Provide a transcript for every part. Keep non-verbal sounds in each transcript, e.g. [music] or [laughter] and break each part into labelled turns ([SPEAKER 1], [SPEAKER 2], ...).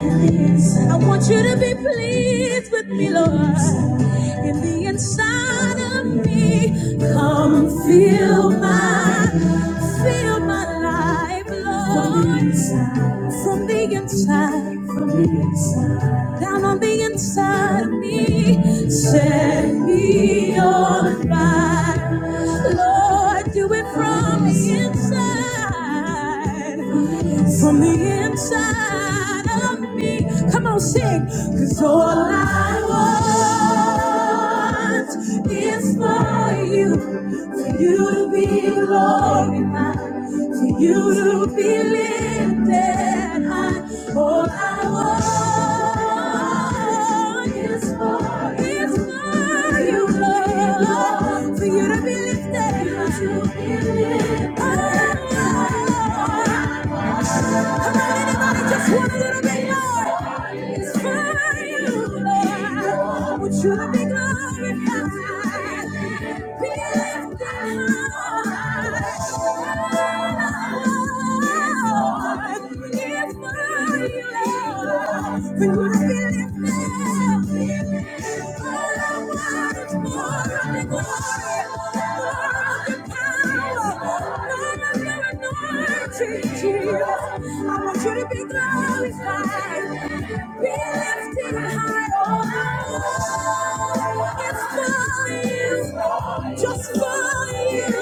[SPEAKER 1] I want you to be pleased with me, Lord. In the inside of me, come fill my, fill my life, Lord. From the inside, from the inside, down on the inside of me, set me on fire, Lord. Do it from the inside from the inside of me. Come on, sing. Cause all I want is for you, for you to be glorified, for you to be lifted high. All I want is for you for you to be lifted high. Come on, anybody, just want a little bit more. It's for you, Lord. Want you to be glorified, be lifted high. Lift my love, When I lift my all I want is more more more of of of Your glory, power, anointing. Jesus. I want you to be glorified, be lifted high, oh Lord. It's for you, just for you.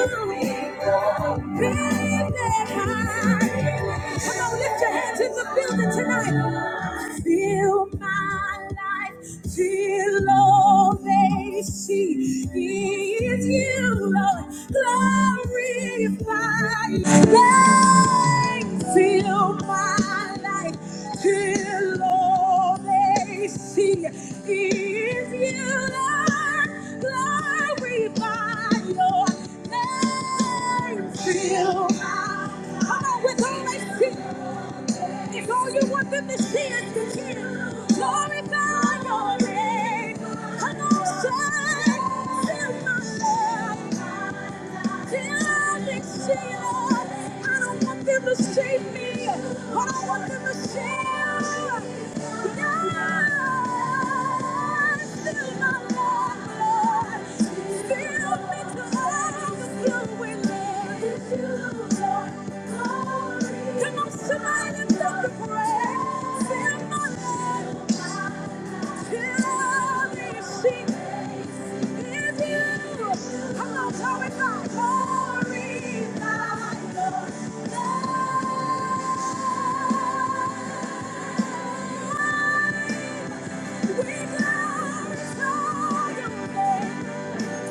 [SPEAKER 1] Big day high. Come on, lift your hands in the building tonight. Fill my life till all they see is you, Lord. Glorify. you time Till my life till all they see is you, Lord. Glorify your name. Till my come on with all they see. If all you want them to see is the King, glorify your name. Come on, say, fill my life. Till they see it all. I don't want them to see me. I don't want them to see you. God, fill my life. We glorify your name.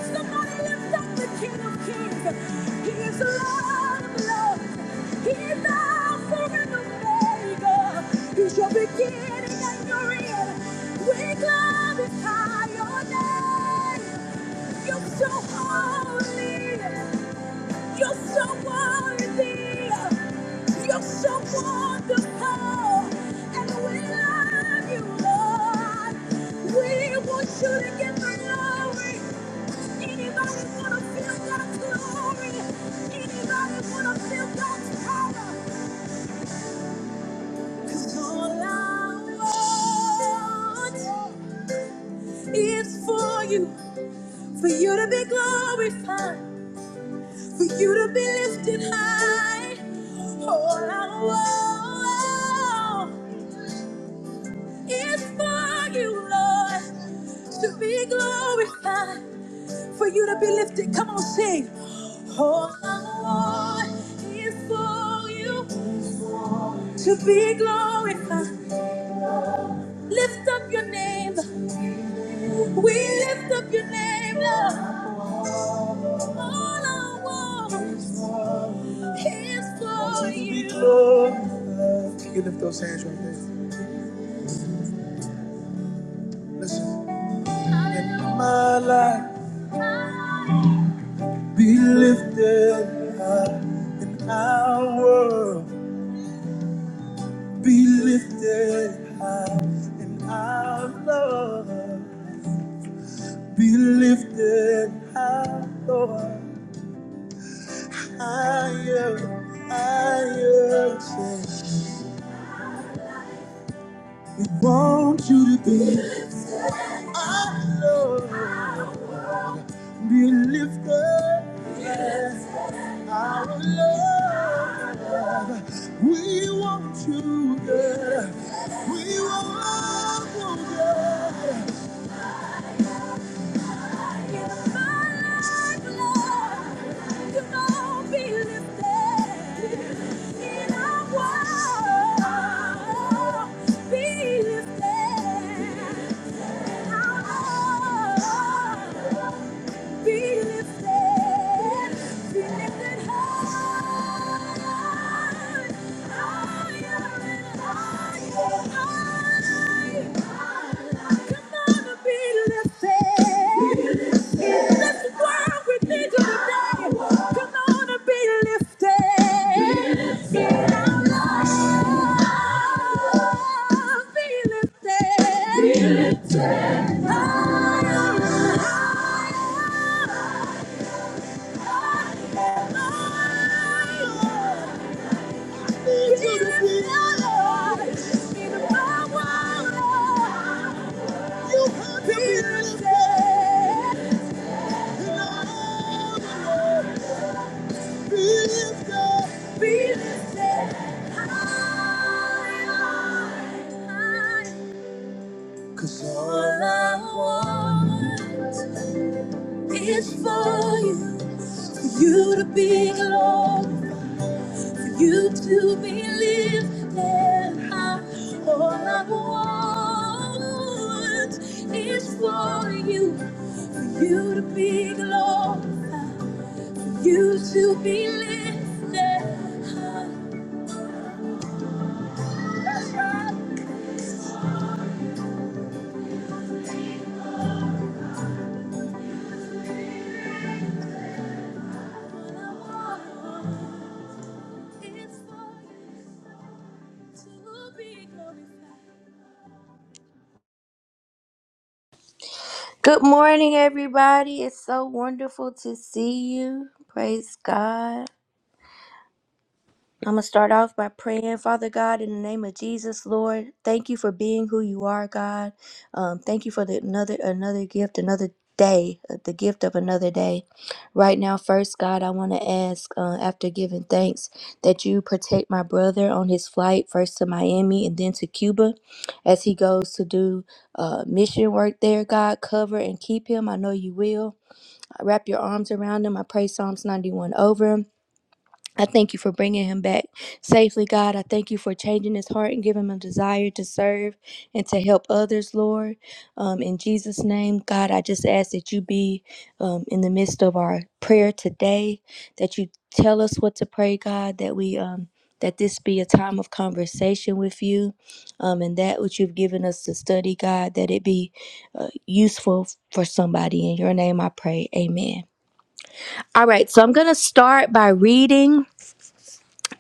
[SPEAKER 1] Somebody lift up the King of Kings. He is the Lord of Lords. He is the Alpha and Omega. He's your beginning and your end. We glorify your name. You're so holy. You're so worthy. You're so wonderful. And we love you, Lord. We want you to give the glory. Anybody wanna feel God's glory? Anybody wanna feel God's power? 'Cause all I want is for you, for you to be glorified, for you to be lifted high. All I want is for you, Lord, to be glorified. for you to be lifted. Come on, sing. All I want is for you to be glorified. Lift up your name. We lift up your name, Lord. All I want is for you. To be glorified. Can you lift those hands right there? Listen. Let my life be lifted high in our world. Be lifted high and our Lord. Be lifted high, Lord. Higher, higher. say, We want you to be our Lord. Be lifted, our Lord. We want you, God. We want you, God. Be lifted. Be lifted, be lifted high, higher and higher. Come on and be lifted. Lift the world with me today. Come on and be lifted. Feel our Be lifted. Cause all I want is for you, for you to be glorified. you to be lifted high. All I want is for you, for you to be glorified, for you to be lifted high. All I want is for you to be glorified. Good morning, everybody. It's so wonderful to see you. Praise God. I'm going to start off by praying, Father God, in the name of Jesus, Lord. Thank you for being who you are, God. Um, thank you for the, another another gift, another day, uh, the gift of another day. Right now, first, God, I want to ask, uh, after giving thanks, that you protect my brother on his flight first to Miami and then to Cuba as he goes to do uh, mission work there, God. Cover and keep him. I know you will. Wrap your arms around him. I pray Psalms 91 over him. I thank you for bringing him back safely, God. I thank you for changing his heart and giving him a desire to serve and to help others, Lord. Um, in Jesus' name, God, I just ask that you be um, in the midst of our prayer today, that you tell us what to pray, God, that we. Um, that this be a time of conversation with you, um, and that which you've given us to study, God, that it be uh, useful for somebody. In your name I pray. Amen. All right, so I'm going to start by reading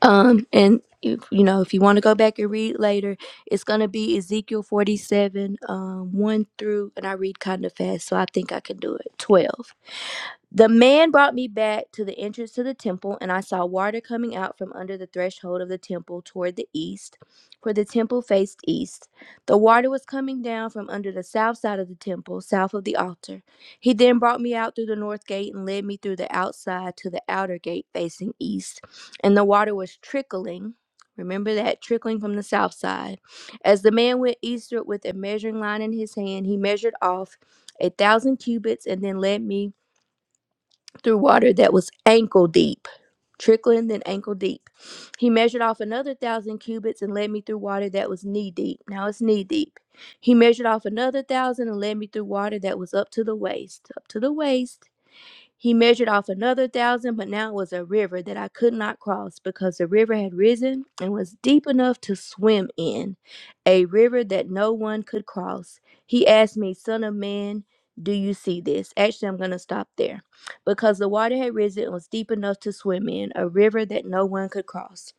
[SPEAKER 1] um, and if, you know, if you want to go back and read later, it's gonna be Ezekiel forty-seven, um, one through, and I read kind of fast, so I think I can do it. Twelve. The man brought me back to the entrance to the temple, and I saw water coming out from under the threshold of the temple toward the east, for the temple faced east. The water was coming down from under the south side of the temple, south of the altar. He then brought me out through the north gate and led me through the outside to the outer gate facing east, and the water was trickling. Remember that trickling from the south side. As the man went eastward with a measuring line in his hand, he measured off a thousand cubits and then led me through water that was ankle deep, trickling then ankle deep. He measured off another thousand cubits and led me through water that was knee deep. Now it's knee deep. He measured off another thousand and led me through water that was up to the waist, up to the waist. He measured off another thousand, but now it was a river that I could not cross because the river had risen and was deep enough to swim in a river that no one could cross. He asked me, Son of man, do you see this? Actually, I'm going to stop there because the water had risen and was deep enough to swim in, a river that no one could cross.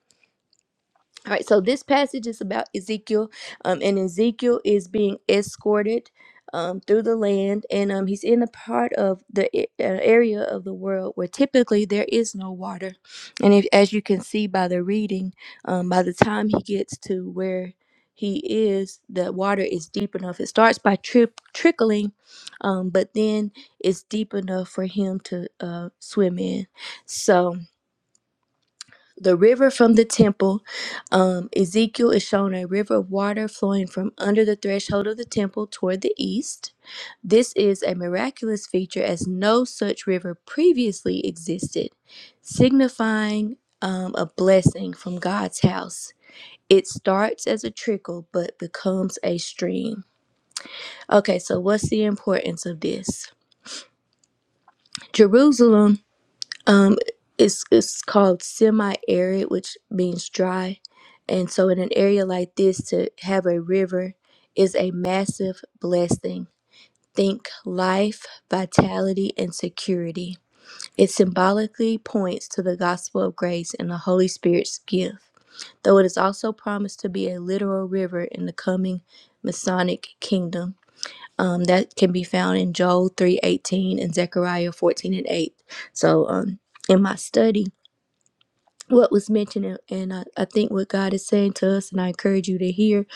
[SPEAKER 1] All right, so this passage is about Ezekiel, um, and Ezekiel is being escorted um, through the land, and um, he's in a part of the a- uh, area of the world where typically there is no water. And if, as you can see by the reading, um, by the time he gets to where he is, the water is deep enough. It starts by tri- trickling, um, but then it's deep enough for him to uh, swim in. So the river from the temple. Um, Ezekiel is shown a river of water flowing from under the threshold of the temple toward the east. This is a miraculous feature as no such river previously existed, signifying um, a blessing from God's house. It starts as a trickle but becomes a stream. Okay, so what's the importance of this? Jerusalem Um, it's it's called semi-arid, which means dry, and so in an area like this, to have a river is a massive blessing. Think life, vitality, and security. It symbolically points to the gospel of grace and the Holy Spirit's gift, though it is also promised to be a literal river in the coming Masonic kingdom. Um, that can be found in Joel 3:18 and Zechariah 14 and 8. So, um, in my study, what was mentioned and I, I think what god is saying to us and i encourage you to hear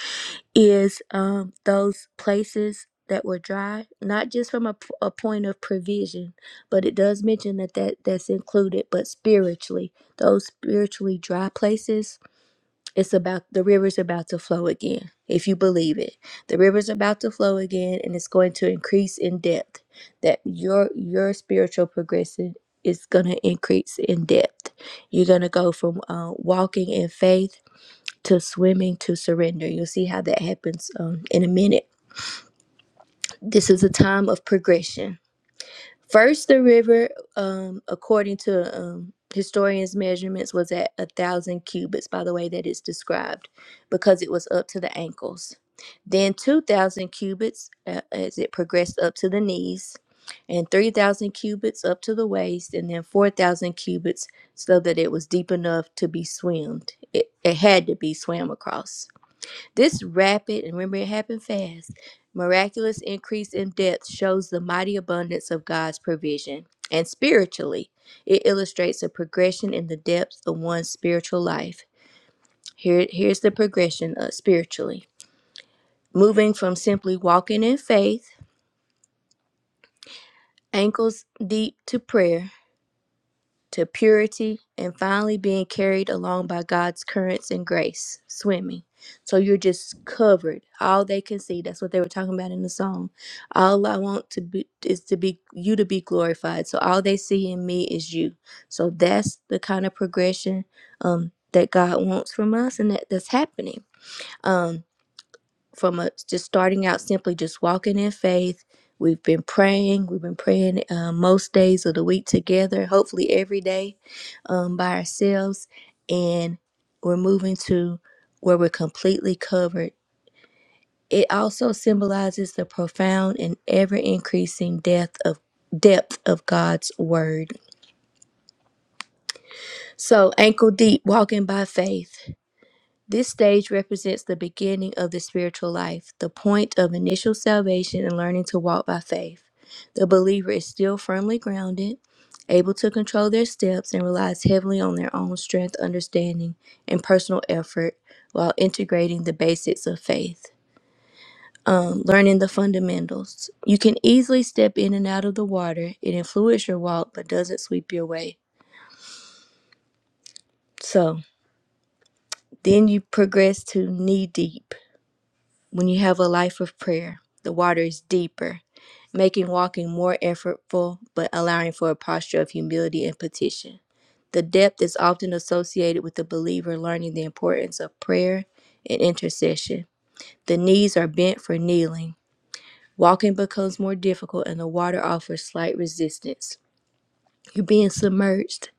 [SPEAKER 1] is um, those places that were dry not just from a a point of provision but it does mention that, that that's included but spiritually those spiritually dry places it's about the river's about to flow again, if you believe it. The river's about to flow again and it's going to increase in depth. That your your spiritual progression is going to increase in depth. You're going to go from uh, walking in faith to swimming to surrender. You'll see how that happens um, in a minute. This is a time of progression First, the river, um, according to um, historians' measurements, was at a thousand cubits by the way that it's described, because it was up to the ankles. Then 2,000 cubits uh, as it progressed up to the knees, and 3,000 cubits up to the waist, and then 4,000 cubits so that it was deep enough to be swimmed. It, it had to be swam across. This rapid, and remember it happened fast, miraculous increase in depth shows the mighty abundance of God's provision. And spiritually, it illustrates a progression in the depth of one's spiritual life. Here, here's the progression uh, spiritually moving from simply walking in faith, ankles deep to prayer, to purity, and finally being carried along by God's currents and grace, swimming. So you're just covered. All they can see. That's what they were talking about in the song. All I want to be is to be you to be glorified. So all they see in me is you. So that's the kind of progression um, that God wants from us, and that, that's happening. Um, from a, just starting out simply just walking in faith. We've been praying. We've been praying uh, most days of the week together, hopefully every day um, by ourselves. And we're moving to where we're completely covered. It also symbolizes the profound and ever increasing depth of depth of God's word. So ankle deep, walking by faith This stage represents the beginning of the spiritual life, the point of initial salvation and learning to walk by faith. The believer is still firmly grounded, able to control their steps, and relies heavily on their own strength, understanding, and personal effort while integrating the basics of faith. Um, learning the fundamentals. You can easily step in and out of the water. It influences your walk, but doesn't sweep you away. So then you progress to knee deep. When you have a life of prayer, the water is deeper, making walking more effortful, but allowing for a posture of humility and petition. The depth is often associated with the believer learning the importance of prayer and intercession. The knees are bent for kneeling. Walking becomes more difficult, and the water offers slight resistance. You're being submerged,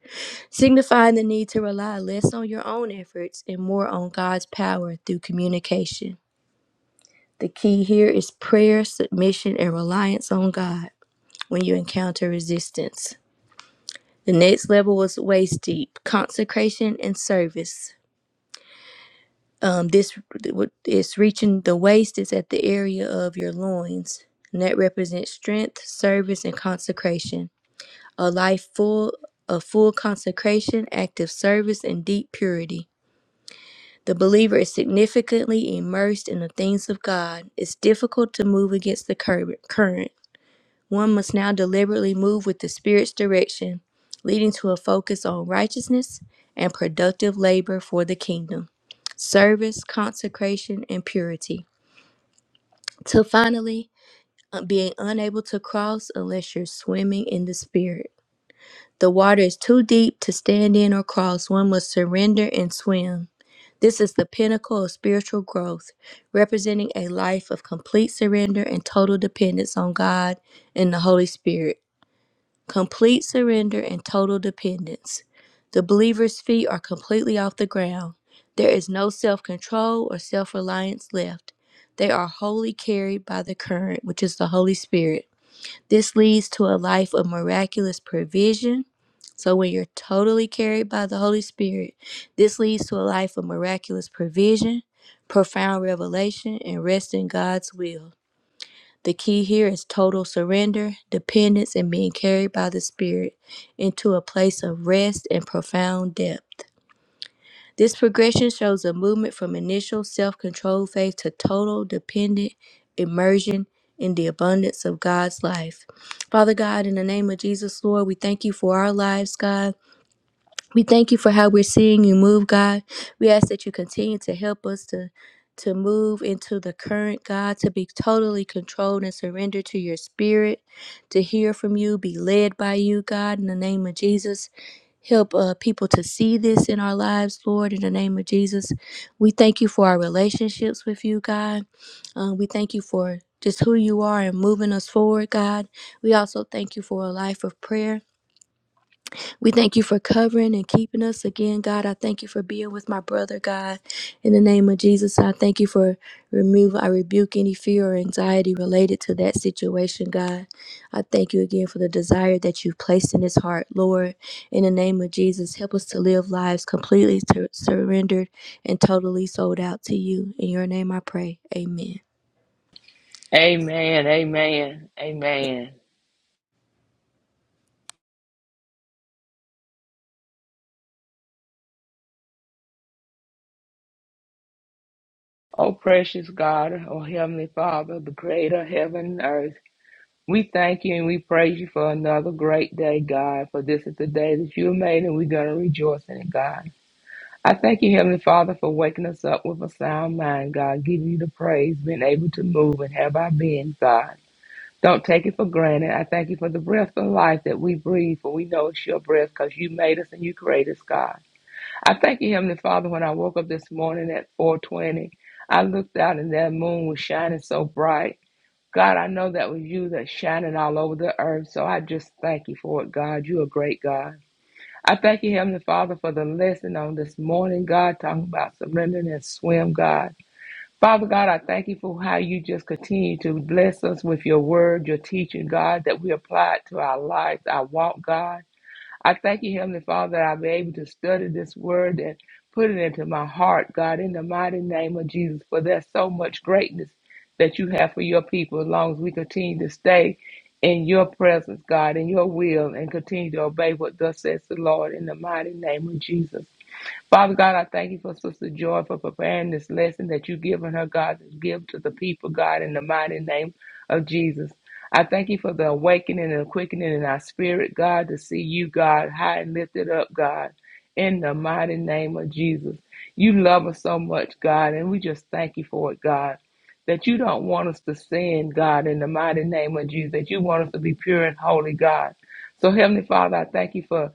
[SPEAKER 1] signifying the need to rely less on your own efforts and more on God's power through communication. The key here is prayer, submission, and reliance on God when you encounter resistance. The next level was waist deep, consecration and service. Um, this is reaching the waist is at the area of your loins, and that represents strength, service, and consecration. A life full of full consecration, active service, and deep purity. The believer is significantly immersed in the things of God. It's difficult to move against the cur- current One must now deliberately move with the Spirit's direction, leading to a focus on righteousness and productive labor for the kingdom, service, consecration, and purity. To finally, uh, being unable to cross unless you're swimming in the Spirit. The water is too deep to stand in or cross. One must surrender and swim. This is the pinnacle of spiritual growth, representing a life of complete surrender and total dependence on God and the Holy Spirit. complete surrender and total dependence. The believer's feet are completely off the ground. There is no self control or self reliance left. They are wholly carried by the current, which is the Holy Spirit. This leads to a life of miraculous provision. So, when you're totally carried by the Holy Spirit, this leads to a life of miraculous provision, profound revelation, and rest in God's will. The key here is total surrender, dependence, and being carried by the Spirit into a place of rest and profound depth. This progression shows a movement from initial self control phase to total dependent immersion in the abundance of God's life. Father God, in the name of Jesus, Lord, we thank you for our lives, God. We thank you for how we're seeing you move, God. We ask that you continue to help us to to move into the current, God, to be totally controlled and surrendered to your spirit, to hear from you, be led by you, God, in the name of Jesus. Help uh, people to see this in our lives, Lord, in the name of Jesus. We thank you for our relationships with you, God. Uh, we thank you for just who you are and moving us forward, God. We also thank you for a life of prayer. We thank you for covering and keeping us again, God. I thank you for being with my brother, God. In the name of Jesus, I thank you for removing, I rebuke any fear or anxiety related to that situation, God. I thank you again for the desire that you've placed in his heart, Lord. In the name of Jesus, help us to live lives completely tur- surrendered and totally sold out to you. In your name I pray. Amen.
[SPEAKER 2] Amen, amen, amen. Oh, precious God, oh, Heavenly Father, the creator of heaven and earth, we thank you and we praise you for another great day, God, for this is the day that you have made and we're going to rejoice in it, God. I thank you, Heavenly Father, for waking us up with a sound mind, God, giving you the praise, being able to move and have our being, God. Don't take it for granted. I thank you for the breath of life that we breathe, for we know it's your breath because you made us and you created us, God. I thank you, Heavenly Father, when I woke up this morning at 420. I looked out and that moon was shining so bright. God, I know that was you that's shining all over the earth. So I just thank you for it, God. You're a great God. I thank you, Heavenly Father, for the lesson on this morning, God, talking about surrendering and swim, God. Father God, I thank you for how you just continue to bless us with your word, your teaching, God, that we apply it to our lives, our walk, God. I thank you, Heavenly Father, that I'll be able to study this word and put it into my heart, God, in the mighty name of Jesus. For there's so much greatness that you have for your people as long as we continue to stay in your presence, God, in your will, and continue to obey what thus says the Lord in the mighty name of Jesus. Father God, I thank you for Sister Joy for preparing this lesson that you've given her, God, to give to the people, God, in the mighty name of Jesus. I thank you for the awakening and quickening in our spirit, God, to see you, God, high and lifted up, God, in the mighty name of Jesus. You love us so much, God, and we just thank you for it, God. That you don't want us to sin, God, in the mighty name of Jesus, that you want us to be pure and holy, God. So, Heavenly Father, I thank you for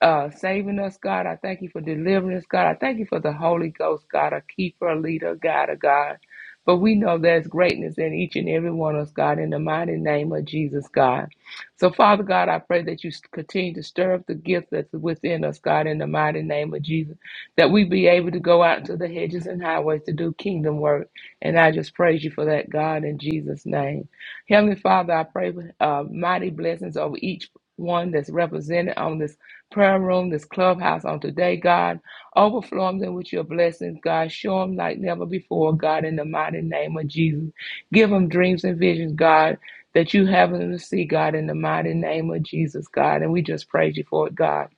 [SPEAKER 2] uh, saving us, God. I thank you for delivering us, God. I thank you for the Holy Ghost, God, a keeper, a leader, God, a God. But we know there's greatness in each and every one of us, God, in the mighty name of Jesus, God. So, Father God, I pray that you continue to stir up the gift that's within us, God, in the mighty name of Jesus, that we be able to go out into the hedges and highways to do kingdom work. And I just praise you for that, God, in Jesus' name. Heavenly Father, I pray uh, mighty blessings over each one that's represented on this prayer room, this clubhouse on today, God. Overflow them with your blessings, God. Show them like never before, God, in the mighty name of Jesus. Give them dreams and visions, God, that you have them to see, God, in the mighty name of Jesus, God. And we just praise you for it, God.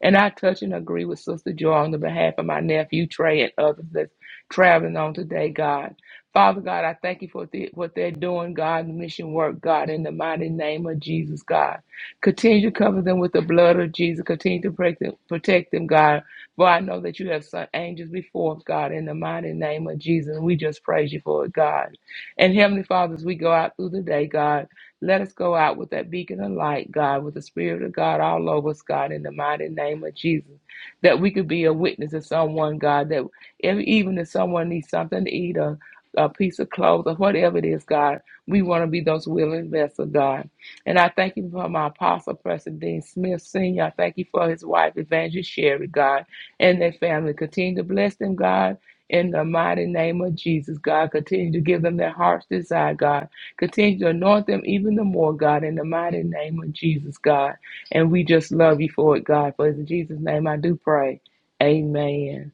[SPEAKER 2] And I touch and agree with Sister Joy on the behalf of my nephew Trey and others that's traveling on today, God. Father God, I thank you for the, what they're doing, God, the mission work, God, in the mighty name of Jesus, God. Continue to cover them with the blood of Jesus. Continue to protect them, protect them, God. For I know that you have sent angels before, God, in the mighty name of Jesus. And We just praise you for it, God. And Heavenly Father, as we go out through the day, God, let us go out with that beacon of light, God, with the Spirit of God all over us, God, in the mighty name of Jesus. That we could be a witness to someone, God, that if, even if someone needs something to eat or a piece of clothes or whatever it is, God, we want to be those willing vessels, God. And I thank you for my apostle, President Dean Smith Sr. I thank you for his wife, Evangelist Sherry, God, and their family. Continue to bless them, God, in the mighty name of Jesus, God. Continue to give them their heart's desire, God. Continue to anoint them even the more, God, in the mighty name of Jesus, God. And we just love you for it, God. For it's in Jesus' name I do pray. Amen.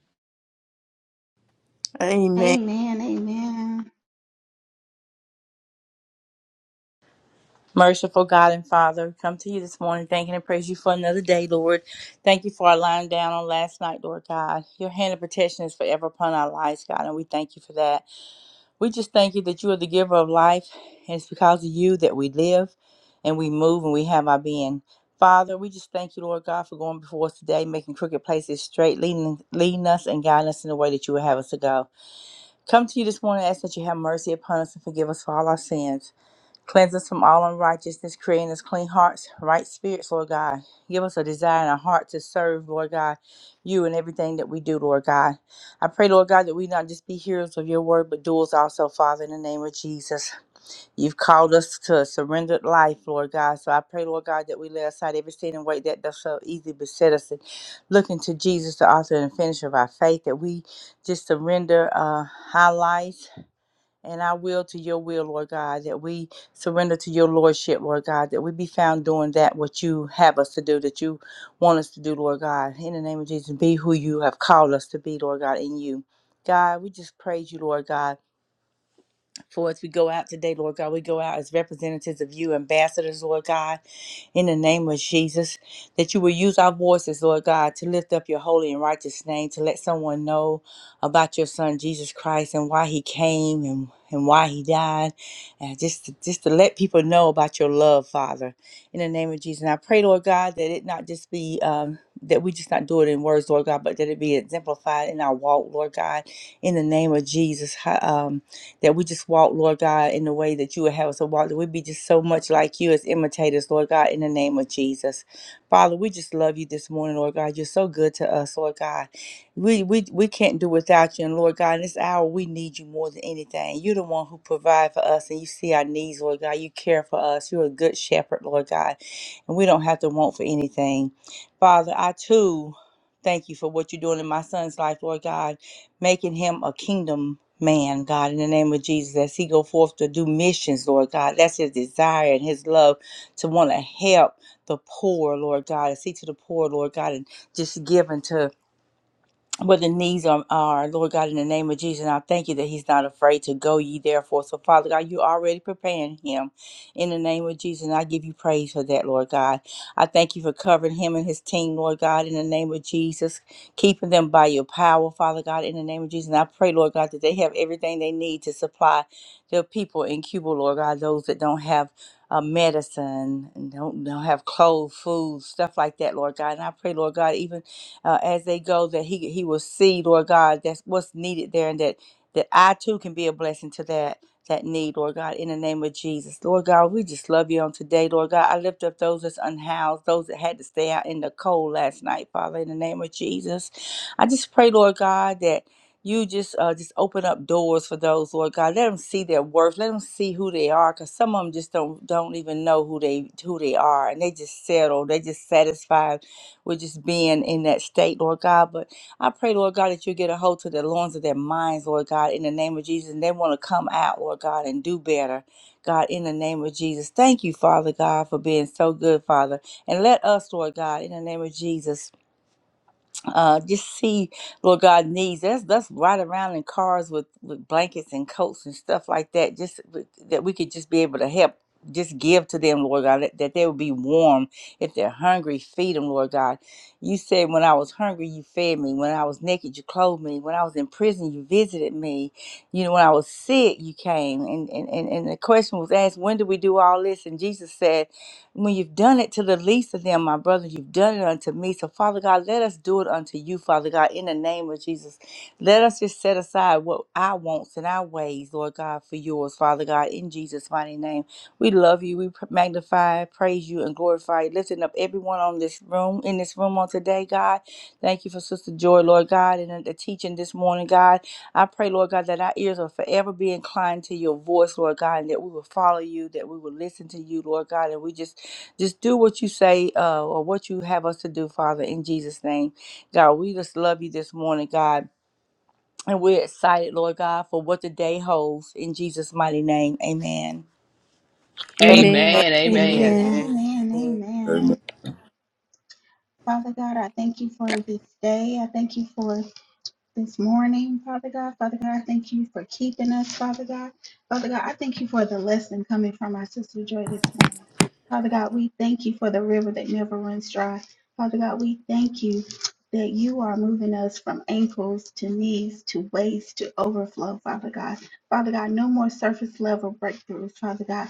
[SPEAKER 3] Amen.
[SPEAKER 4] Amen, amen,
[SPEAKER 5] Merciful God and Father, come to you this morning, thanking and praise you for another day, Lord. Thank you for our lying down on last night, Lord God. Your hand of protection is forever upon our lives, God, and we thank you for that. We just thank you that you are the giver of life, and it's because of you that we live and we move and we have our being. Father, we just thank you, Lord God, for going before us today, making crooked places straight, leading, leading us and guiding us in the way that you would have us to go. Come to you this morning, ask that you have mercy upon us and forgive us for all our sins. Cleanse us from all unrighteousness, creating us clean hearts, right spirits, Lord God. Give us a desire and a heart to serve, Lord God, you in everything that we do, Lord God. I pray, Lord God, that we not just be hearers of your word, but doers also, Father, in the name of Jesus. You've called us to a surrendered life, Lord God. So I pray, Lord God, that we lay aside every sin and weight that does so easily beset us, and looking to Jesus, the author and finisher of our faith, that we just surrender uh, our lives and our will to your will, Lord God, that we surrender to your lordship, Lord God, that we be found doing that what you have us to do, that you want us to do, Lord God. In the name of Jesus, be who you have called us to be, Lord God, in you. God, we just praise you, Lord God. For as we go out today, Lord God, we go out as representatives of you, ambassadors, Lord God, in the name of Jesus, that you will use our voices, Lord God, to lift up your holy and righteous name, to let someone know about your son, Jesus Christ, and why he came and, and why he died, and just to, just to let people know about your love, Father, in the name of Jesus. And I pray, Lord God, that it not just be, um, that we just not do it in words, Lord God, but that it be exemplified in our walk, Lord God, in the name of Jesus. Ha- Um, that we just walk, Lord God, in the way that you would have us to walk, that we be just so much like you as imitators, Lord God, in the name of Jesus. Father, we just love you this morning, Lord God. You're so good to us, Lord God. We we we can't do without you, and Lord God, in this hour we need you more than anything. You're the one who provide for us, and you see our needs, Lord God. You care for us. You're a good shepherd, Lord God, and we don't have to want for anything. Father, I too thank you for what you're doing in my son's life, Lord God, making him a kingdom man, God, in the name of Jesus, as he go forth to do missions, Lord God, that's his desire and his love to want to help the poor, Lord God, and see to the poor, Lord God, and just give unto where the needs are, are, Lord God, in the name of Jesus. And I thank you that He's not afraid to go ye therefore. So, Father God, you're already preparing Him in the name of Jesus. And I give you praise for that, Lord God. I thank you for covering Him and His team, Lord God, in the name of Jesus, keeping them by your power, Father God, in the name of Jesus. And I pray, Lord God, that they have everything they need to supply their people in Cuba, Lord God, those that don't have. Uh, medicine and don't, don't have clothes, food, stuff like that, Lord God. And I pray, Lord God, even uh, as they go, that he he will see, Lord God, that's what's needed there, and that that I too can be a blessing to that that need, Lord God, in the name of Jesus. Lord God, we just love you on today, Lord God. I lift up those that's unhoused, those that had to stay out in the cold last night, Father, in the name of Jesus. I just pray, Lord God, that you just uh, just open up doors for those, Lord God. Let them see their worth. Let them see who they are, because some of them just don't don't even know who they who they are, and they just settle. They just satisfied with just being in that state, Lord God. But I pray, Lord God, that you get a hold to the loins of their minds, Lord God, in the name of Jesus. And they want to come out, Lord God, and do better, God, in the name of Jesus. Thank you, Father God, for being so good, Father. And let us, Lord God, in the name of Jesus uh, just see Lord God needs. That's that's right around in cars with with blankets and coats and stuff like that. Just with- that we could just be able to help. Just give to them, Lord God, that, that they would be warm. If they're hungry, feed them, Lord God. You said, When I was hungry, you fed me. When I was naked, you clothed me. When I was in prison, you visited me. You know, when I was sick, you came. And, and, and, and the question was asked, When do we do all this? And Jesus said, when you've done it to the least of them, my brother, you've done it unto me. So, Father God, let us do it unto you, Father God, in the name of Jesus. Let us just set aside what our wants and our ways, Lord God, for yours, Father God, in Jesus' mighty name. We love you. We pr- magnify, praise you, and glorify you. Lifting up everyone on this room, in this room on today, God. Thank you for Sister Joy, Lord God, and the teaching this morning, God. I pray, Lord God, that our ears will forever be inclined to your voice, Lord God, and that we will follow you, that we will listen to you, Lord God, and we just just do what you say uh, or what you have us to do, Father, in Jesus' name. God, we just love you this morning, God, and we're excited, Lord God, for what the day holds in Jesus' mighty name. Amen.
[SPEAKER 1] Amen.
[SPEAKER 3] Amen.
[SPEAKER 2] Amen. Amen.
[SPEAKER 1] Amen.
[SPEAKER 6] Amen.
[SPEAKER 4] amen,
[SPEAKER 7] Amen.
[SPEAKER 4] amen. Father God, I thank you for this day. I thank you for this morning, Father God. Father God, I thank you for keeping us, Father God. Father God, I thank you for the lesson coming from our sister Joy this morning. Father God, we thank you for the river that never runs dry. Father God, we thank you that you are moving us from ankles to knees to waist to overflow, Father God. Father God, no more surface level breakthroughs, Father God.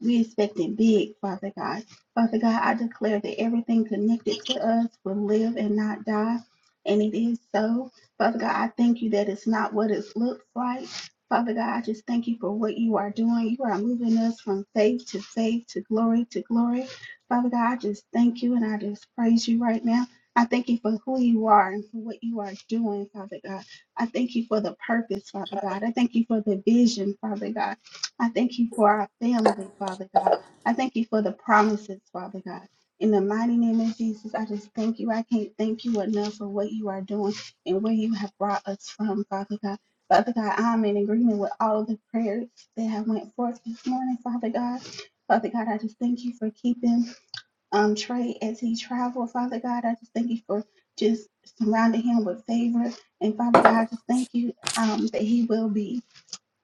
[SPEAKER 4] We expecting big, Father God. Father God, I declare that everything connected to us will live and not die. And it is so. Father God, I thank you that it's not what it looks like. Father God, I just thank you for what you are doing. You are moving us from faith to faith to glory to glory. Father God, I just thank you and I just praise you right now. I thank you for who you are and for what you are doing, Father God. I thank you for the purpose, Father God. I thank you for the vision, Father God. I thank you for our family, Father God. I thank you for the promises, Father God. In the mighty name of Jesus, I just thank you. I can't thank you enough for what you are doing and where you have brought us from, Father God. Father God, I'm in agreement with all of the prayers that have went forth this morning, Father God. Father God, I just thank you for keeping um, Trey as he traveled, Father God. I just thank you for just surrounding him with favor. And Father God, I just thank you um, that he will be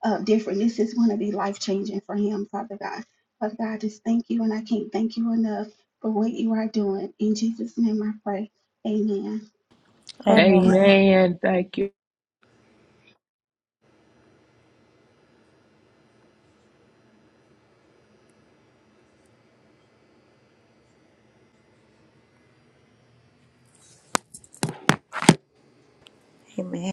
[SPEAKER 4] uh, different. This is going to be life changing for him, Father God. Father God, I just thank you, and I can't thank you enough for what you are doing. In Jesus' name I pray. Amen.
[SPEAKER 5] Amen.
[SPEAKER 2] Amen. Thank you.
[SPEAKER 6] Amen.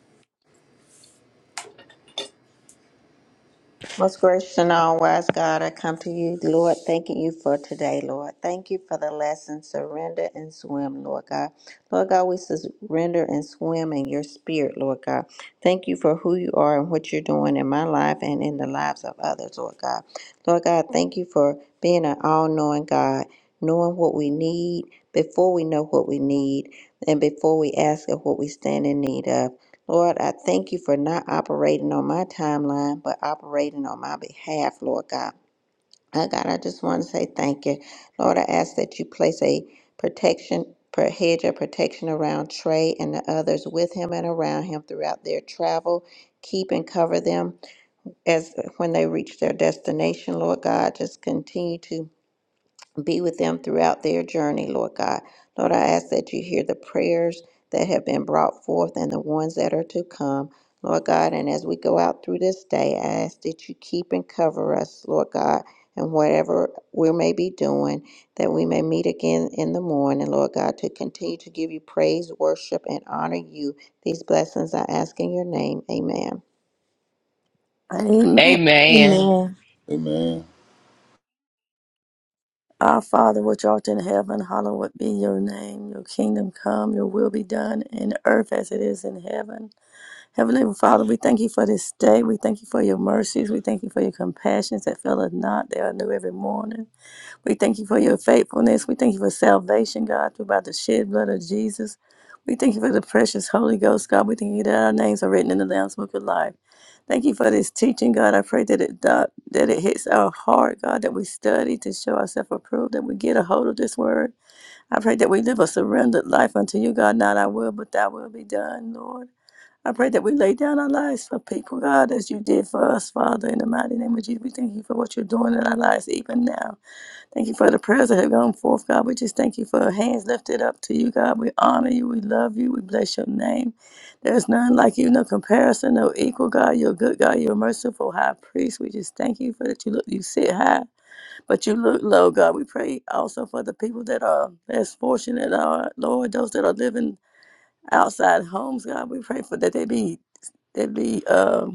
[SPEAKER 6] Most gracious and all wise God, I come to you, Lord, thanking you for today, Lord. Thank you for the lesson, surrender and swim, Lord God. Lord God, we surrender and swim in your spirit, Lord God. Thank you for who you are and what you're doing in my life and in the lives of others, Lord God. Lord God, thank you for being an all knowing God, knowing what we need before we know what we need and before we ask of what we stand in need of. Lord, I thank you for not operating on my timeline, but operating on my behalf, Lord God. Oh God, I just want to say thank you. Lord, I ask that you place a protection, per hedge of protection around Trey and the others with him and around him throughout their travel. Keep and cover them as when they reach their destination, Lord God. Just continue to be with them throughout their journey, Lord God. Lord, I ask that you hear the prayers that have been brought forth and the ones that are to come, Lord God. And as we go out through this day, I ask that you keep and cover us, Lord God, and whatever we may be doing, that we may meet again in the morning, Lord God, to continue to give you praise, worship, and honor you. These blessings I ask in your name. Amen.
[SPEAKER 2] Amen.
[SPEAKER 1] Amen.
[SPEAKER 7] Amen.
[SPEAKER 3] Our Father, which art in heaven, hallowed be your name. Your kingdom come, your will be done in earth as it is in heaven. Heavenly Father, we thank you for this day. We thank you for your mercies. We thank you for your compassions that faileth not. They are new every morning. We thank you for your faithfulness. We thank you for salvation, God, through by the shed blood of Jesus. We thank you for the precious Holy Ghost, God. We thank you that our names are written in the Lamb's Book of Life. Thank you for this teaching, God. I pray that it do- that it hits our heart, God, that we study to show ourselves approved, that we get a hold of this word. I pray that we live a surrendered life unto you, God. Not our will, but thy will be done, Lord. I pray that we lay down our lives for people, God, as you did for us, Father, in the mighty name of Jesus. We thank you for what you're doing in our lives even now. Thank you for the prayers that have gone forth, God. We just thank you for hands lifted up to you, God. We honor you. We love you. We bless your name. There's none like you, no comparison, no equal, God. You're a good, God. You're a merciful high priest. We just thank you for that. You look, you sit high, but you look low, God. We pray also for the people that are less fortunate, uh, Lord, those that are living outside homes, God. We pray for that they be, they be. um,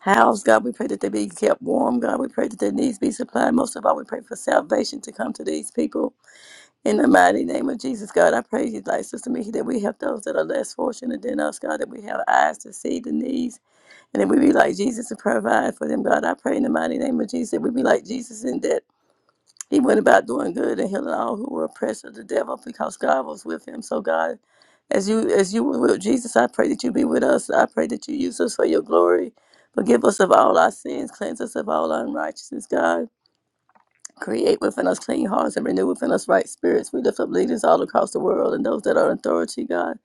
[SPEAKER 3] House, God. We pray that they be kept warm, God. We pray that their needs be supplied. Most of all, we pray for salvation to come to these people. In the mighty name of Jesus, God, I pray you, like Sister Mickey, that we help those that are less fortunate than us, God, that we have eyes to see the needs, and that we be like Jesus and provide for them, God. I pray in the mighty name of Jesus that we be like Jesus in that. He went about doing good and healing all who were oppressed of the devil because God was with him. So God, as you as you were with Jesus, I pray that you be with us. I pray that you use us for your glory. Forgive us of all our sins, cleanse us of all unrighteousness, God. Create within us clean hearts and renew within us right spirits. We lift up leaders all across the world and those that are in authority, God,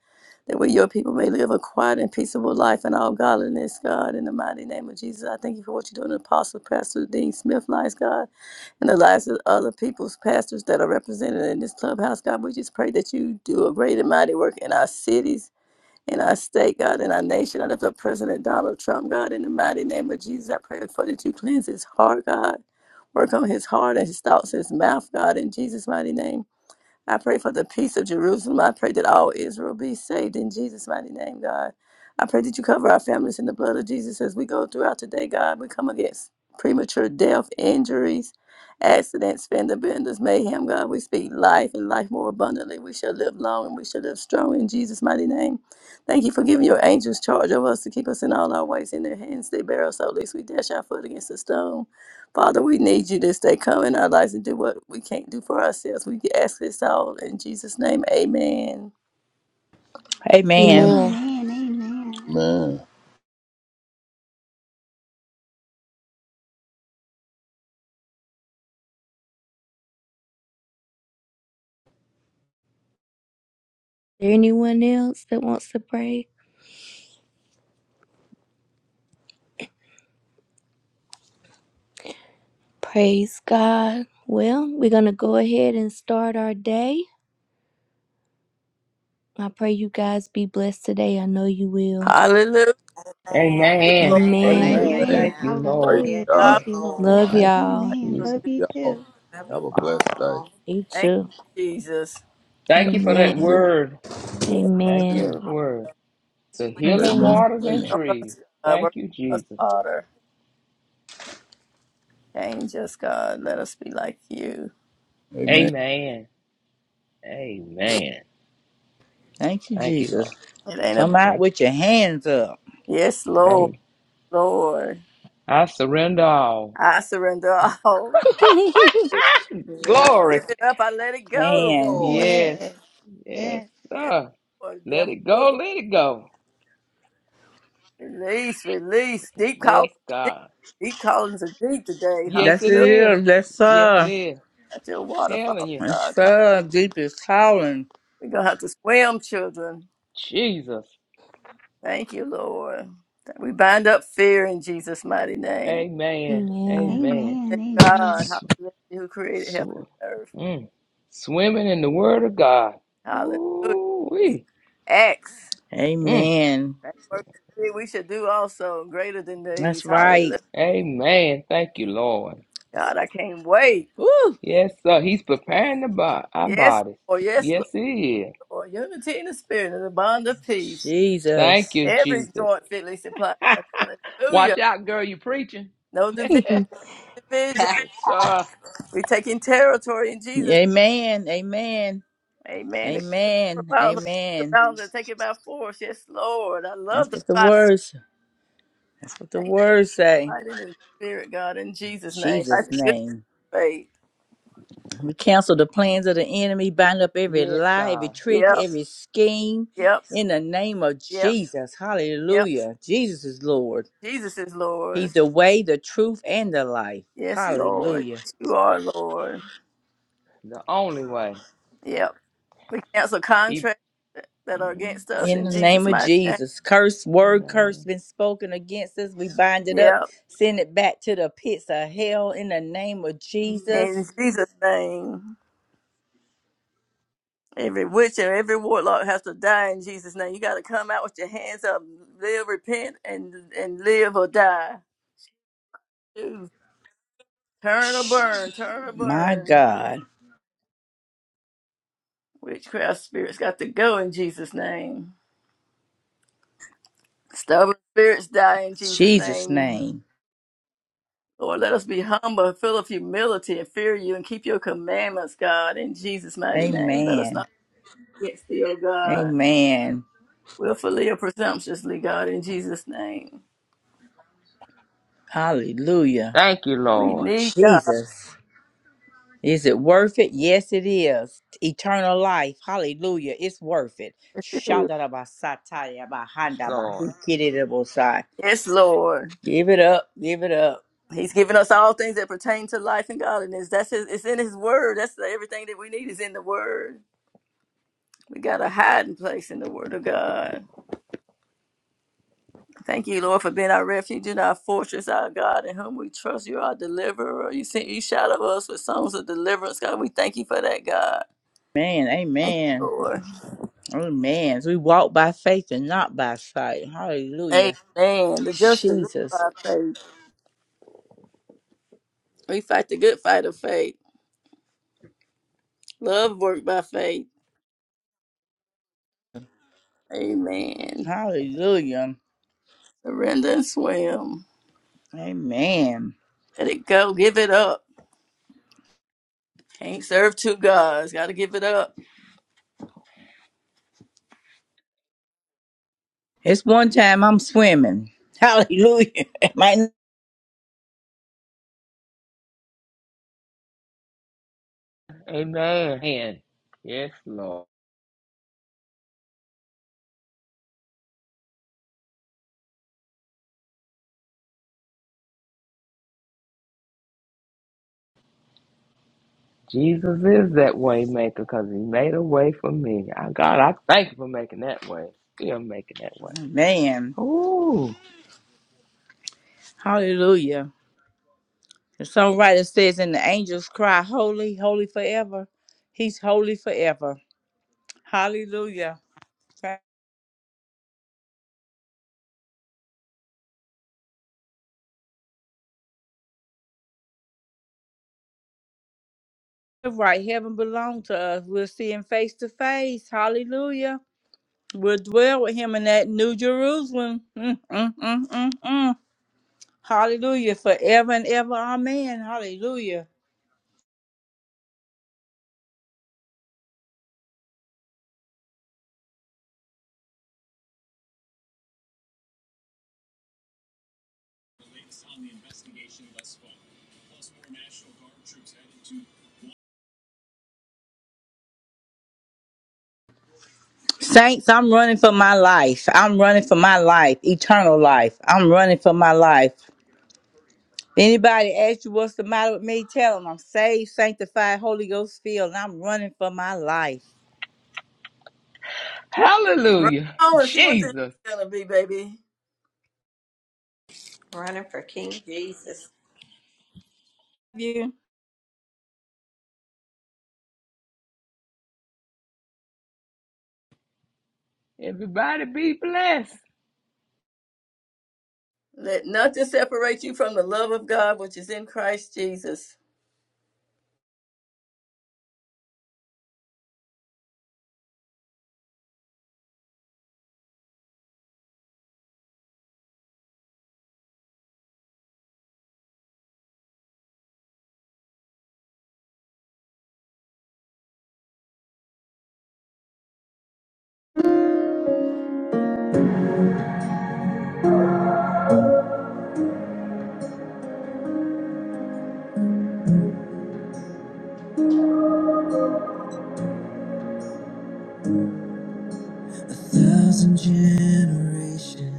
[SPEAKER 3] that we, your people, may live a quiet and peaceable life in all godliness, God. In the mighty name of Jesus, I thank you for what you're doing, in Apostle Pastor Dean Smith, lives, God and the lives of other people's pastors that are represented in this clubhouse, God. We just pray that you do a great and mighty work in our cities, in our state, God, in our nation. I lift up President Donald Trump, God, in the mighty name of Jesus. I pray for that you cleanse his heart, God. Work on his heart and his thoughts, his mouth, God, in Jesus' mighty name. I pray for the peace of Jerusalem. I pray that all Israel be saved in Jesus' mighty name, God. I pray that you cover our families in the blood of Jesus as we go throughout today, God. We come against premature death, injuries, accidents, fender benders, mayhem, God. We speak life and life more abundantly. We shall live long and we shall live strong in Jesus' mighty name. Thank you for giving your angels charge over us to keep us in all our ways in their hands. They bear us, so at least we dash our foot against a stone. Father, we need you this day. come in our lives and do what we can't do for ourselves. We ask this all in Jesus' name. Amen.
[SPEAKER 5] Amen. Amen.
[SPEAKER 1] Amen.
[SPEAKER 4] Amen. Amen.
[SPEAKER 7] Amen.
[SPEAKER 1] Is there anyone else that wants to pray? Praise God. Well, we're going to go ahead and start our day. I pray you guys be blessed today. I know you will.
[SPEAKER 3] Hallelujah,
[SPEAKER 6] Amen.
[SPEAKER 2] Amen.
[SPEAKER 3] Lord.
[SPEAKER 6] Amen.
[SPEAKER 1] Amen.
[SPEAKER 2] Amen.
[SPEAKER 7] Amen.
[SPEAKER 4] Amen.
[SPEAKER 2] Thank
[SPEAKER 6] Amen.
[SPEAKER 2] you,
[SPEAKER 7] Praise
[SPEAKER 2] Lord.
[SPEAKER 4] Hallelujah.
[SPEAKER 3] God,
[SPEAKER 4] Thank
[SPEAKER 6] Yes,
[SPEAKER 7] God.
[SPEAKER 4] you, Lord.
[SPEAKER 1] Love
[SPEAKER 6] Lord.
[SPEAKER 2] Thank you,
[SPEAKER 1] y'all.
[SPEAKER 4] Amen.
[SPEAKER 3] for good.
[SPEAKER 4] Love
[SPEAKER 2] Jesus.
[SPEAKER 4] you
[SPEAKER 7] Y'all
[SPEAKER 4] too.
[SPEAKER 6] Love you
[SPEAKER 7] have a blessed day.
[SPEAKER 6] all.
[SPEAKER 1] You
[SPEAKER 3] Thank
[SPEAKER 1] too.
[SPEAKER 3] you, Jesus.
[SPEAKER 2] Thank you for that
[SPEAKER 1] Amen.
[SPEAKER 2] word.
[SPEAKER 3] Yeah,
[SPEAKER 2] Thank
[SPEAKER 1] Amen.
[SPEAKER 2] you, word. The
[SPEAKER 1] Praise
[SPEAKER 2] healing
[SPEAKER 7] Amen.
[SPEAKER 1] God.
[SPEAKER 2] waters and
[SPEAKER 7] Amen.
[SPEAKER 3] help
[SPEAKER 2] trees.
[SPEAKER 3] us, God.
[SPEAKER 2] Thank
[SPEAKER 3] Work
[SPEAKER 2] you,
[SPEAKER 3] on us,
[SPEAKER 2] Jesus.
[SPEAKER 3] Father. Change us, God. Let us be like you.
[SPEAKER 7] Amen.
[SPEAKER 2] Amen. Amen.
[SPEAKER 5] Thank you,
[SPEAKER 2] Thank you, Lord.
[SPEAKER 5] Jesus.
[SPEAKER 3] It ain't a
[SPEAKER 5] Come out
[SPEAKER 2] Thank you.
[SPEAKER 5] with your hands up.
[SPEAKER 3] yes, Lord,
[SPEAKER 2] Amen.
[SPEAKER 3] Lord.
[SPEAKER 2] I surrender all.
[SPEAKER 3] I surrender [laughs] all.
[SPEAKER 1] [laughs]
[SPEAKER 2] [laughs]
[SPEAKER 3] I
[SPEAKER 6] Yes,
[SPEAKER 2] Glory.
[SPEAKER 3] give it up. I let it
[SPEAKER 6] you
[SPEAKER 3] go.
[SPEAKER 5] Man.
[SPEAKER 6] Lord,
[SPEAKER 2] Yes.
[SPEAKER 4] Yes.
[SPEAKER 2] Yes,
[SPEAKER 4] Yes.
[SPEAKER 3] Yes,
[SPEAKER 2] sir.
[SPEAKER 3] Lord.
[SPEAKER 2] Let it
[SPEAKER 3] Devil,
[SPEAKER 2] go. Let it go.
[SPEAKER 3] Release, release. Deep
[SPEAKER 2] Yes,
[SPEAKER 3] callings, deep,
[SPEAKER 2] God.
[SPEAKER 3] deep callings are deep today.
[SPEAKER 2] Yes,
[SPEAKER 5] That's
[SPEAKER 2] it
[SPEAKER 5] it.
[SPEAKER 3] Hallelujah.
[SPEAKER 2] is.
[SPEAKER 5] Here. That's
[SPEAKER 2] Yes, it
[SPEAKER 5] uh,
[SPEAKER 2] is.
[SPEAKER 3] At your
[SPEAKER 2] Telling
[SPEAKER 3] waterfall,
[SPEAKER 2] you.
[SPEAKER 3] God.
[SPEAKER 5] that's uh, deepest calling.
[SPEAKER 3] We're going to have to swim, children.
[SPEAKER 2] Jesus.
[SPEAKER 3] Thank you, Lord. That We bind up fear in Jesus' mighty name.
[SPEAKER 2] Amen.
[SPEAKER 1] Amen.
[SPEAKER 2] Amen.
[SPEAKER 4] Amen.
[SPEAKER 3] Thank
[SPEAKER 4] Amen.
[SPEAKER 3] God, hallelujah, who created heaven and
[SPEAKER 2] So,
[SPEAKER 3] earth.
[SPEAKER 2] mm, swimming in the Word of God.
[SPEAKER 3] Hallelujah.
[SPEAKER 2] Ooh-wee.
[SPEAKER 3] Acts.
[SPEAKER 2] Mm,
[SPEAKER 5] Amen.
[SPEAKER 3] That work We should do also greater than
[SPEAKER 5] That's
[SPEAKER 3] these.
[SPEAKER 5] right.
[SPEAKER 3] Hallelujah.
[SPEAKER 2] amen. Thank you, Lord.
[SPEAKER 3] God, I can't wait.
[SPEAKER 5] Woo,
[SPEAKER 2] Yes, sir. He's preparing the bo- our
[SPEAKER 3] Yes,
[SPEAKER 2] bodies.
[SPEAKER 3] Lord. Yes,
[SPEAKER 2] Yes, He is.
[SPEAKER 3] Lord. Unity in the spirit and the bond of peace.
[SPEAKER 2] Thank
[SPEAKER 5] Jesus.
[SPEAKER 2] you,
[SPEAKER 3] Every
[SPEAKER 2] Jesus.
[SPEAKER 3] joint fitly supplied. Hallelujah.
[SPEAKER 2] Watch out, girl. You preaching?
[SPEAKER 3] No divi-
[SPEAKER 1] [laughs]
[SPEAKER 3] division.
[SPEAKER 2] Yes, sir.
[SPEAKER 3] We're taking territory in Jesus.
[SPEAKER 5] Amen. Amen.
[SPEAKER 3] Amen. The
[SPEAKER 5] Amen.
[SPEAKER 3] balance, the
[SPEAKER 5] Amen.
[SPEAKER 3] balance, to take it by force. Yes, Lord. I love
[SPEAKER 5] That's
[SPEAKER 3] the
[SPEAKER 5] what the
[SPEAKER 3] fight.
[SPEAKER 5] words. That's what the
[SPEAKER 3] Thank you,
[SPEAKER 5] words say.
[SPEAKER 3] fight in the spirit, God, in Jesus' name. I
[SPEAKER 5] Jesus'
[SPEAKER 3] the good
[SPEAKER 5] name.
[SPEAKER 3] faith.
[SPEAKER 5] We cancel the plans of the enemy, bind up every
[SPEAKER 2] Yes,
[SPEAKER 5] lie, every
[SPEAKER 2] God.
[SPEAKER 5] trick,
[SPEAKER 3] Yep,
[SPEAKER 5] every scheme.
[SPEAKER 3] yep,
[SPEAKER 5] In the name of
[SPEAKER 3] yep,
[SPEAKER 5] Jesus.
[SPEAKER 3] yep.
[SPEAKER 5] Hallelujah. Jesus is Lord.
[SPEAKER 3] Jesus is
[SPEAKER 5] He's
[SPEAKER 3] Lord.
[SPEAKER 5] the way, the truth, and the life.
[SPEAKER 3] Yes, Lord.
[SPEAKER 5] Hallelujah.
[SPEAKER 3] Yes, you are Lord.
[SPEAKER 2] The only way.
[SPEAKER 3] Yep. We cancel
[SPEAKER 2] He.
[SPEAKER 3] contracts that that are
[SPEAKER 2] Mm,
[SPEAKER 3] against us
[SPEAKER 5] In
[SPEAKER 3] in
[SPEAKER 5] the name
[SPEAKER 3] Jesus'
[SPEAKER 5] of
[SPEAKER 3] mighty name.
[SPEAKER 5] Jesus, curse word curse
[SPEAKER 2] amen.
[SPEAKER 5] been spoken against us. We bind it up,
[SPEAKER 3] Yep.
[SPEAKER 5] send it back to the pits of hell. In the name of Jesus,
[SPEAKER 3] In Jesus' name. Every witch and every warlock has to die in Jesus' name. You got to come out with your hands up, live, repent, and and live or die. Ooh, Turn or burn, turn or
[SPEAKER 5] my
[SPEAKER 3] burn.
[SPEAKER 5] God,
[SPEAKER 3] Witchcraft spirits got to go in Jesus' name. Stubborn spirits die in Jesus'
[SPEAKER 5] Jesus'
[SPEAKER 3] name.
[SPEAKER 5] name,
[SPEAKER 3] Lord, let us be humble, full of humility, and fear you, and keep your commandments, God, in Jesus' mighty name. Let us
[SPEAKER 5] Amen,
[SPEAKER 3] not get still, God,
[SPEAKER 5] Amen,
[SPEAKER 3] willfully or presumptuously, God, in Jesus' name.
[SPEAKER 5] Hallelujah.
[SPEAKER 2] Thank you,
[SPEAKER 3] We
[SPEAKER 2] Lord.
[SPEAKER 3] need
[SPEAKER 5] Jesus, is it worth it? Yes, it is. Eternal life, Hallelujah, it's worth it.
[SPEAKER 3] God. [laughs]
[SPEAKER 5] Shandarabasataya
[SPEAKER 2] Yes, Lord.
[SPEAKER 5] bahandabahikiribosai.
[SPEAKER 3] Yes, Lord.
[SPEAKER 5] Give it up, give it up,
[SPEAKER 3] He's given us all things that pertain to life and godliness. That's his, it's in his word. That's the, everything that we need is in the word. We got a hiding place in the word of God. Thank you, Lord, for being our refuge and our fortress, our God, in whom we trust. You are our deliverer. You sent you shadow us with songs of deliverance, God. We thank you for that, God.
[SPEAKER 5] man,
[SPEAKER 3] Thank
[SPEAKER 5] Amen.
[SPEAKER 3] you, Lord.
[SPEAKER 5] Amen. We walk by faith and not by sight. Hallelujah.
[SPEAKER 3] Amen. The just shall live
[SPEAKER 5] Jesus.
[SPEAKER 3] by faith. We fight the good fight of faith. Love work by faith. Amen.
[SPEAKER 5] Hallelujah.
[SPEAKER 3] Surrender and swim.
[SPEAKER 5] Amen.
[SPEAKER 3] Let it go. Give it up. Can't serve two gods. Got to give it up.
[SPEAKER 5] It's one time I'm swimming. Hallelujah. [laughs] My
[SPEAKER 2] Amen. Yes, Lord. Jesus is that way maker because he made a way for me. I, God, I thank you for making that way. Still making that way.
[SPEAKER 5] man.
[SPEAKER 2] Ooh,
[SPEAKER 5] Hallelujah. The songwriter says, and the angels cry, Holy, holy forever. He's holy forever. Hallelujah. Right, heaven belongs to us. We'll see him face to face. Hallelujah. We'll dwell with him in that New Jerusalem. Mm, mm, mm, mm, mm. Hallelujah forever and ever. Amen. Hallelujah. Saints, I'm running for my life. I'm running for my life, eternal life. I'm running for my life. Anybody ask you what's the matter with me? Tell them I'm saved, sanctified, Holy Ghost filled, and I'm running for my life.
[SPEAKER 3] Run
[SPEAKER 2] hallelujah.
[SPEAKER 3] on and see what it's
[SPEAKER 2] Jesus.
[SPEAKER 3] gonna be, baby.
[SPEAKER 6] running for King Jesus.
[SPEAKER 5] You.
[SPEAKER 2] Everybody be blessed.
[SPEAKER 3] Let nothing separate you from the love of God, which is in Christ Jesus.
[SPEAKER 1] Thousand generations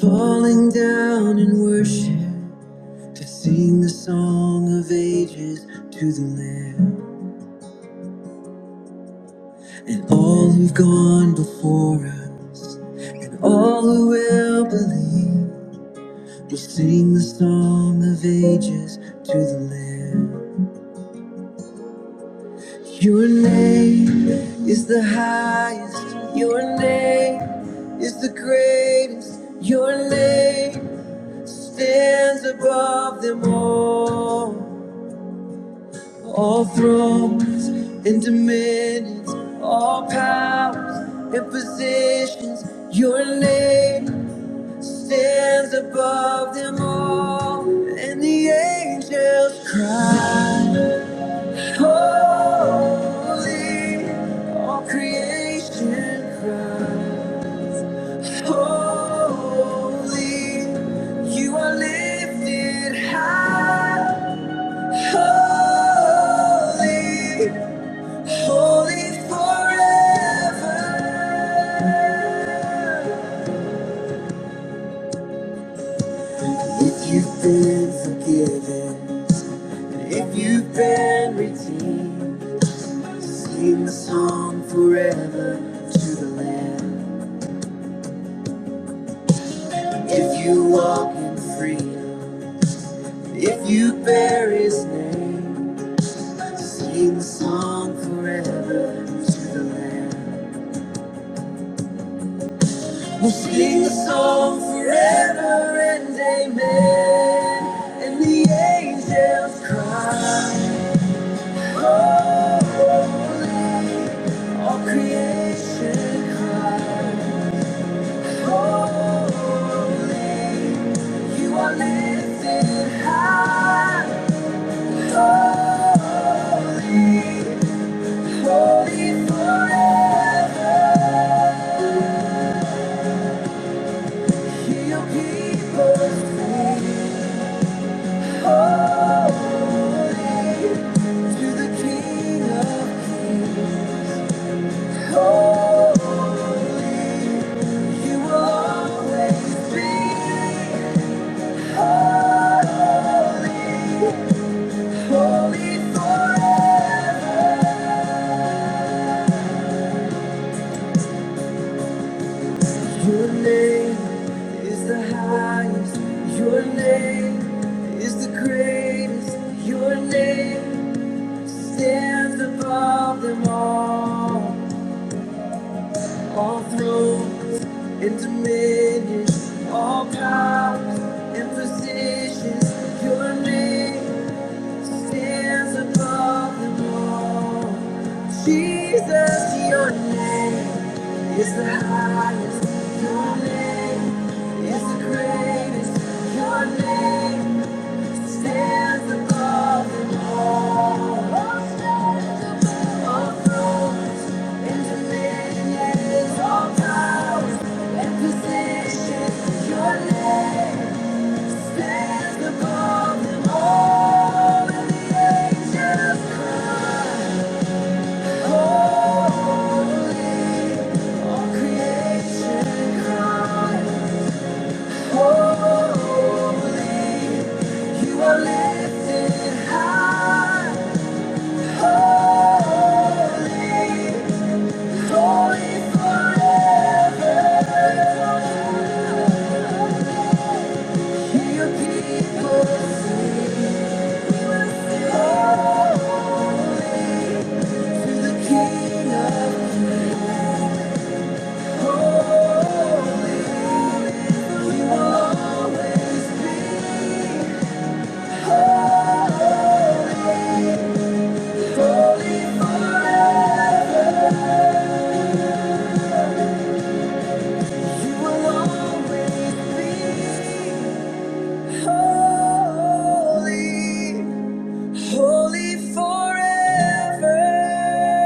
[SPEAKER 1] falling down in worship to sing the song of ages to the Lamb and all who've gone before us. All who will believe will sing the song of ages to the Lamb. Your name is the highest. Your name is the greatest. Your name stands above them all. All thrones and dominions, all powers and positions. Your name stands above them all, and the angels cry, Holy, all creation cries, Holy, you are lifted high, Holy, holy forever. If you've been forgiven. If you've been redeemed, sing the song forever to the Lamb. If you walk in freedom, if you bear His name, sing the song forever to the Lamb. We'll sing the song forever and amen. And the angels cry, holy. All creation cries. You are lifted high, holy, holy forever. Hear your people sing, holy, to the King of Kings. Holy, you will always be holy. Holy forever. Your name is the highest. Your name is the greatest. Your name stands above them all. All thrones and dominions, all powers and positions. Your name stands above them all. Jesus, your name. It's the highest, your name is the greatest, your name stands above them all. All thrones and dominions, all powers and positions, your name stands above them all. And the angels cry, all creation cry, holy. You are lifted high, holy for your people, to the King of glory. You will always be holy, for you will always be holy, holy forever.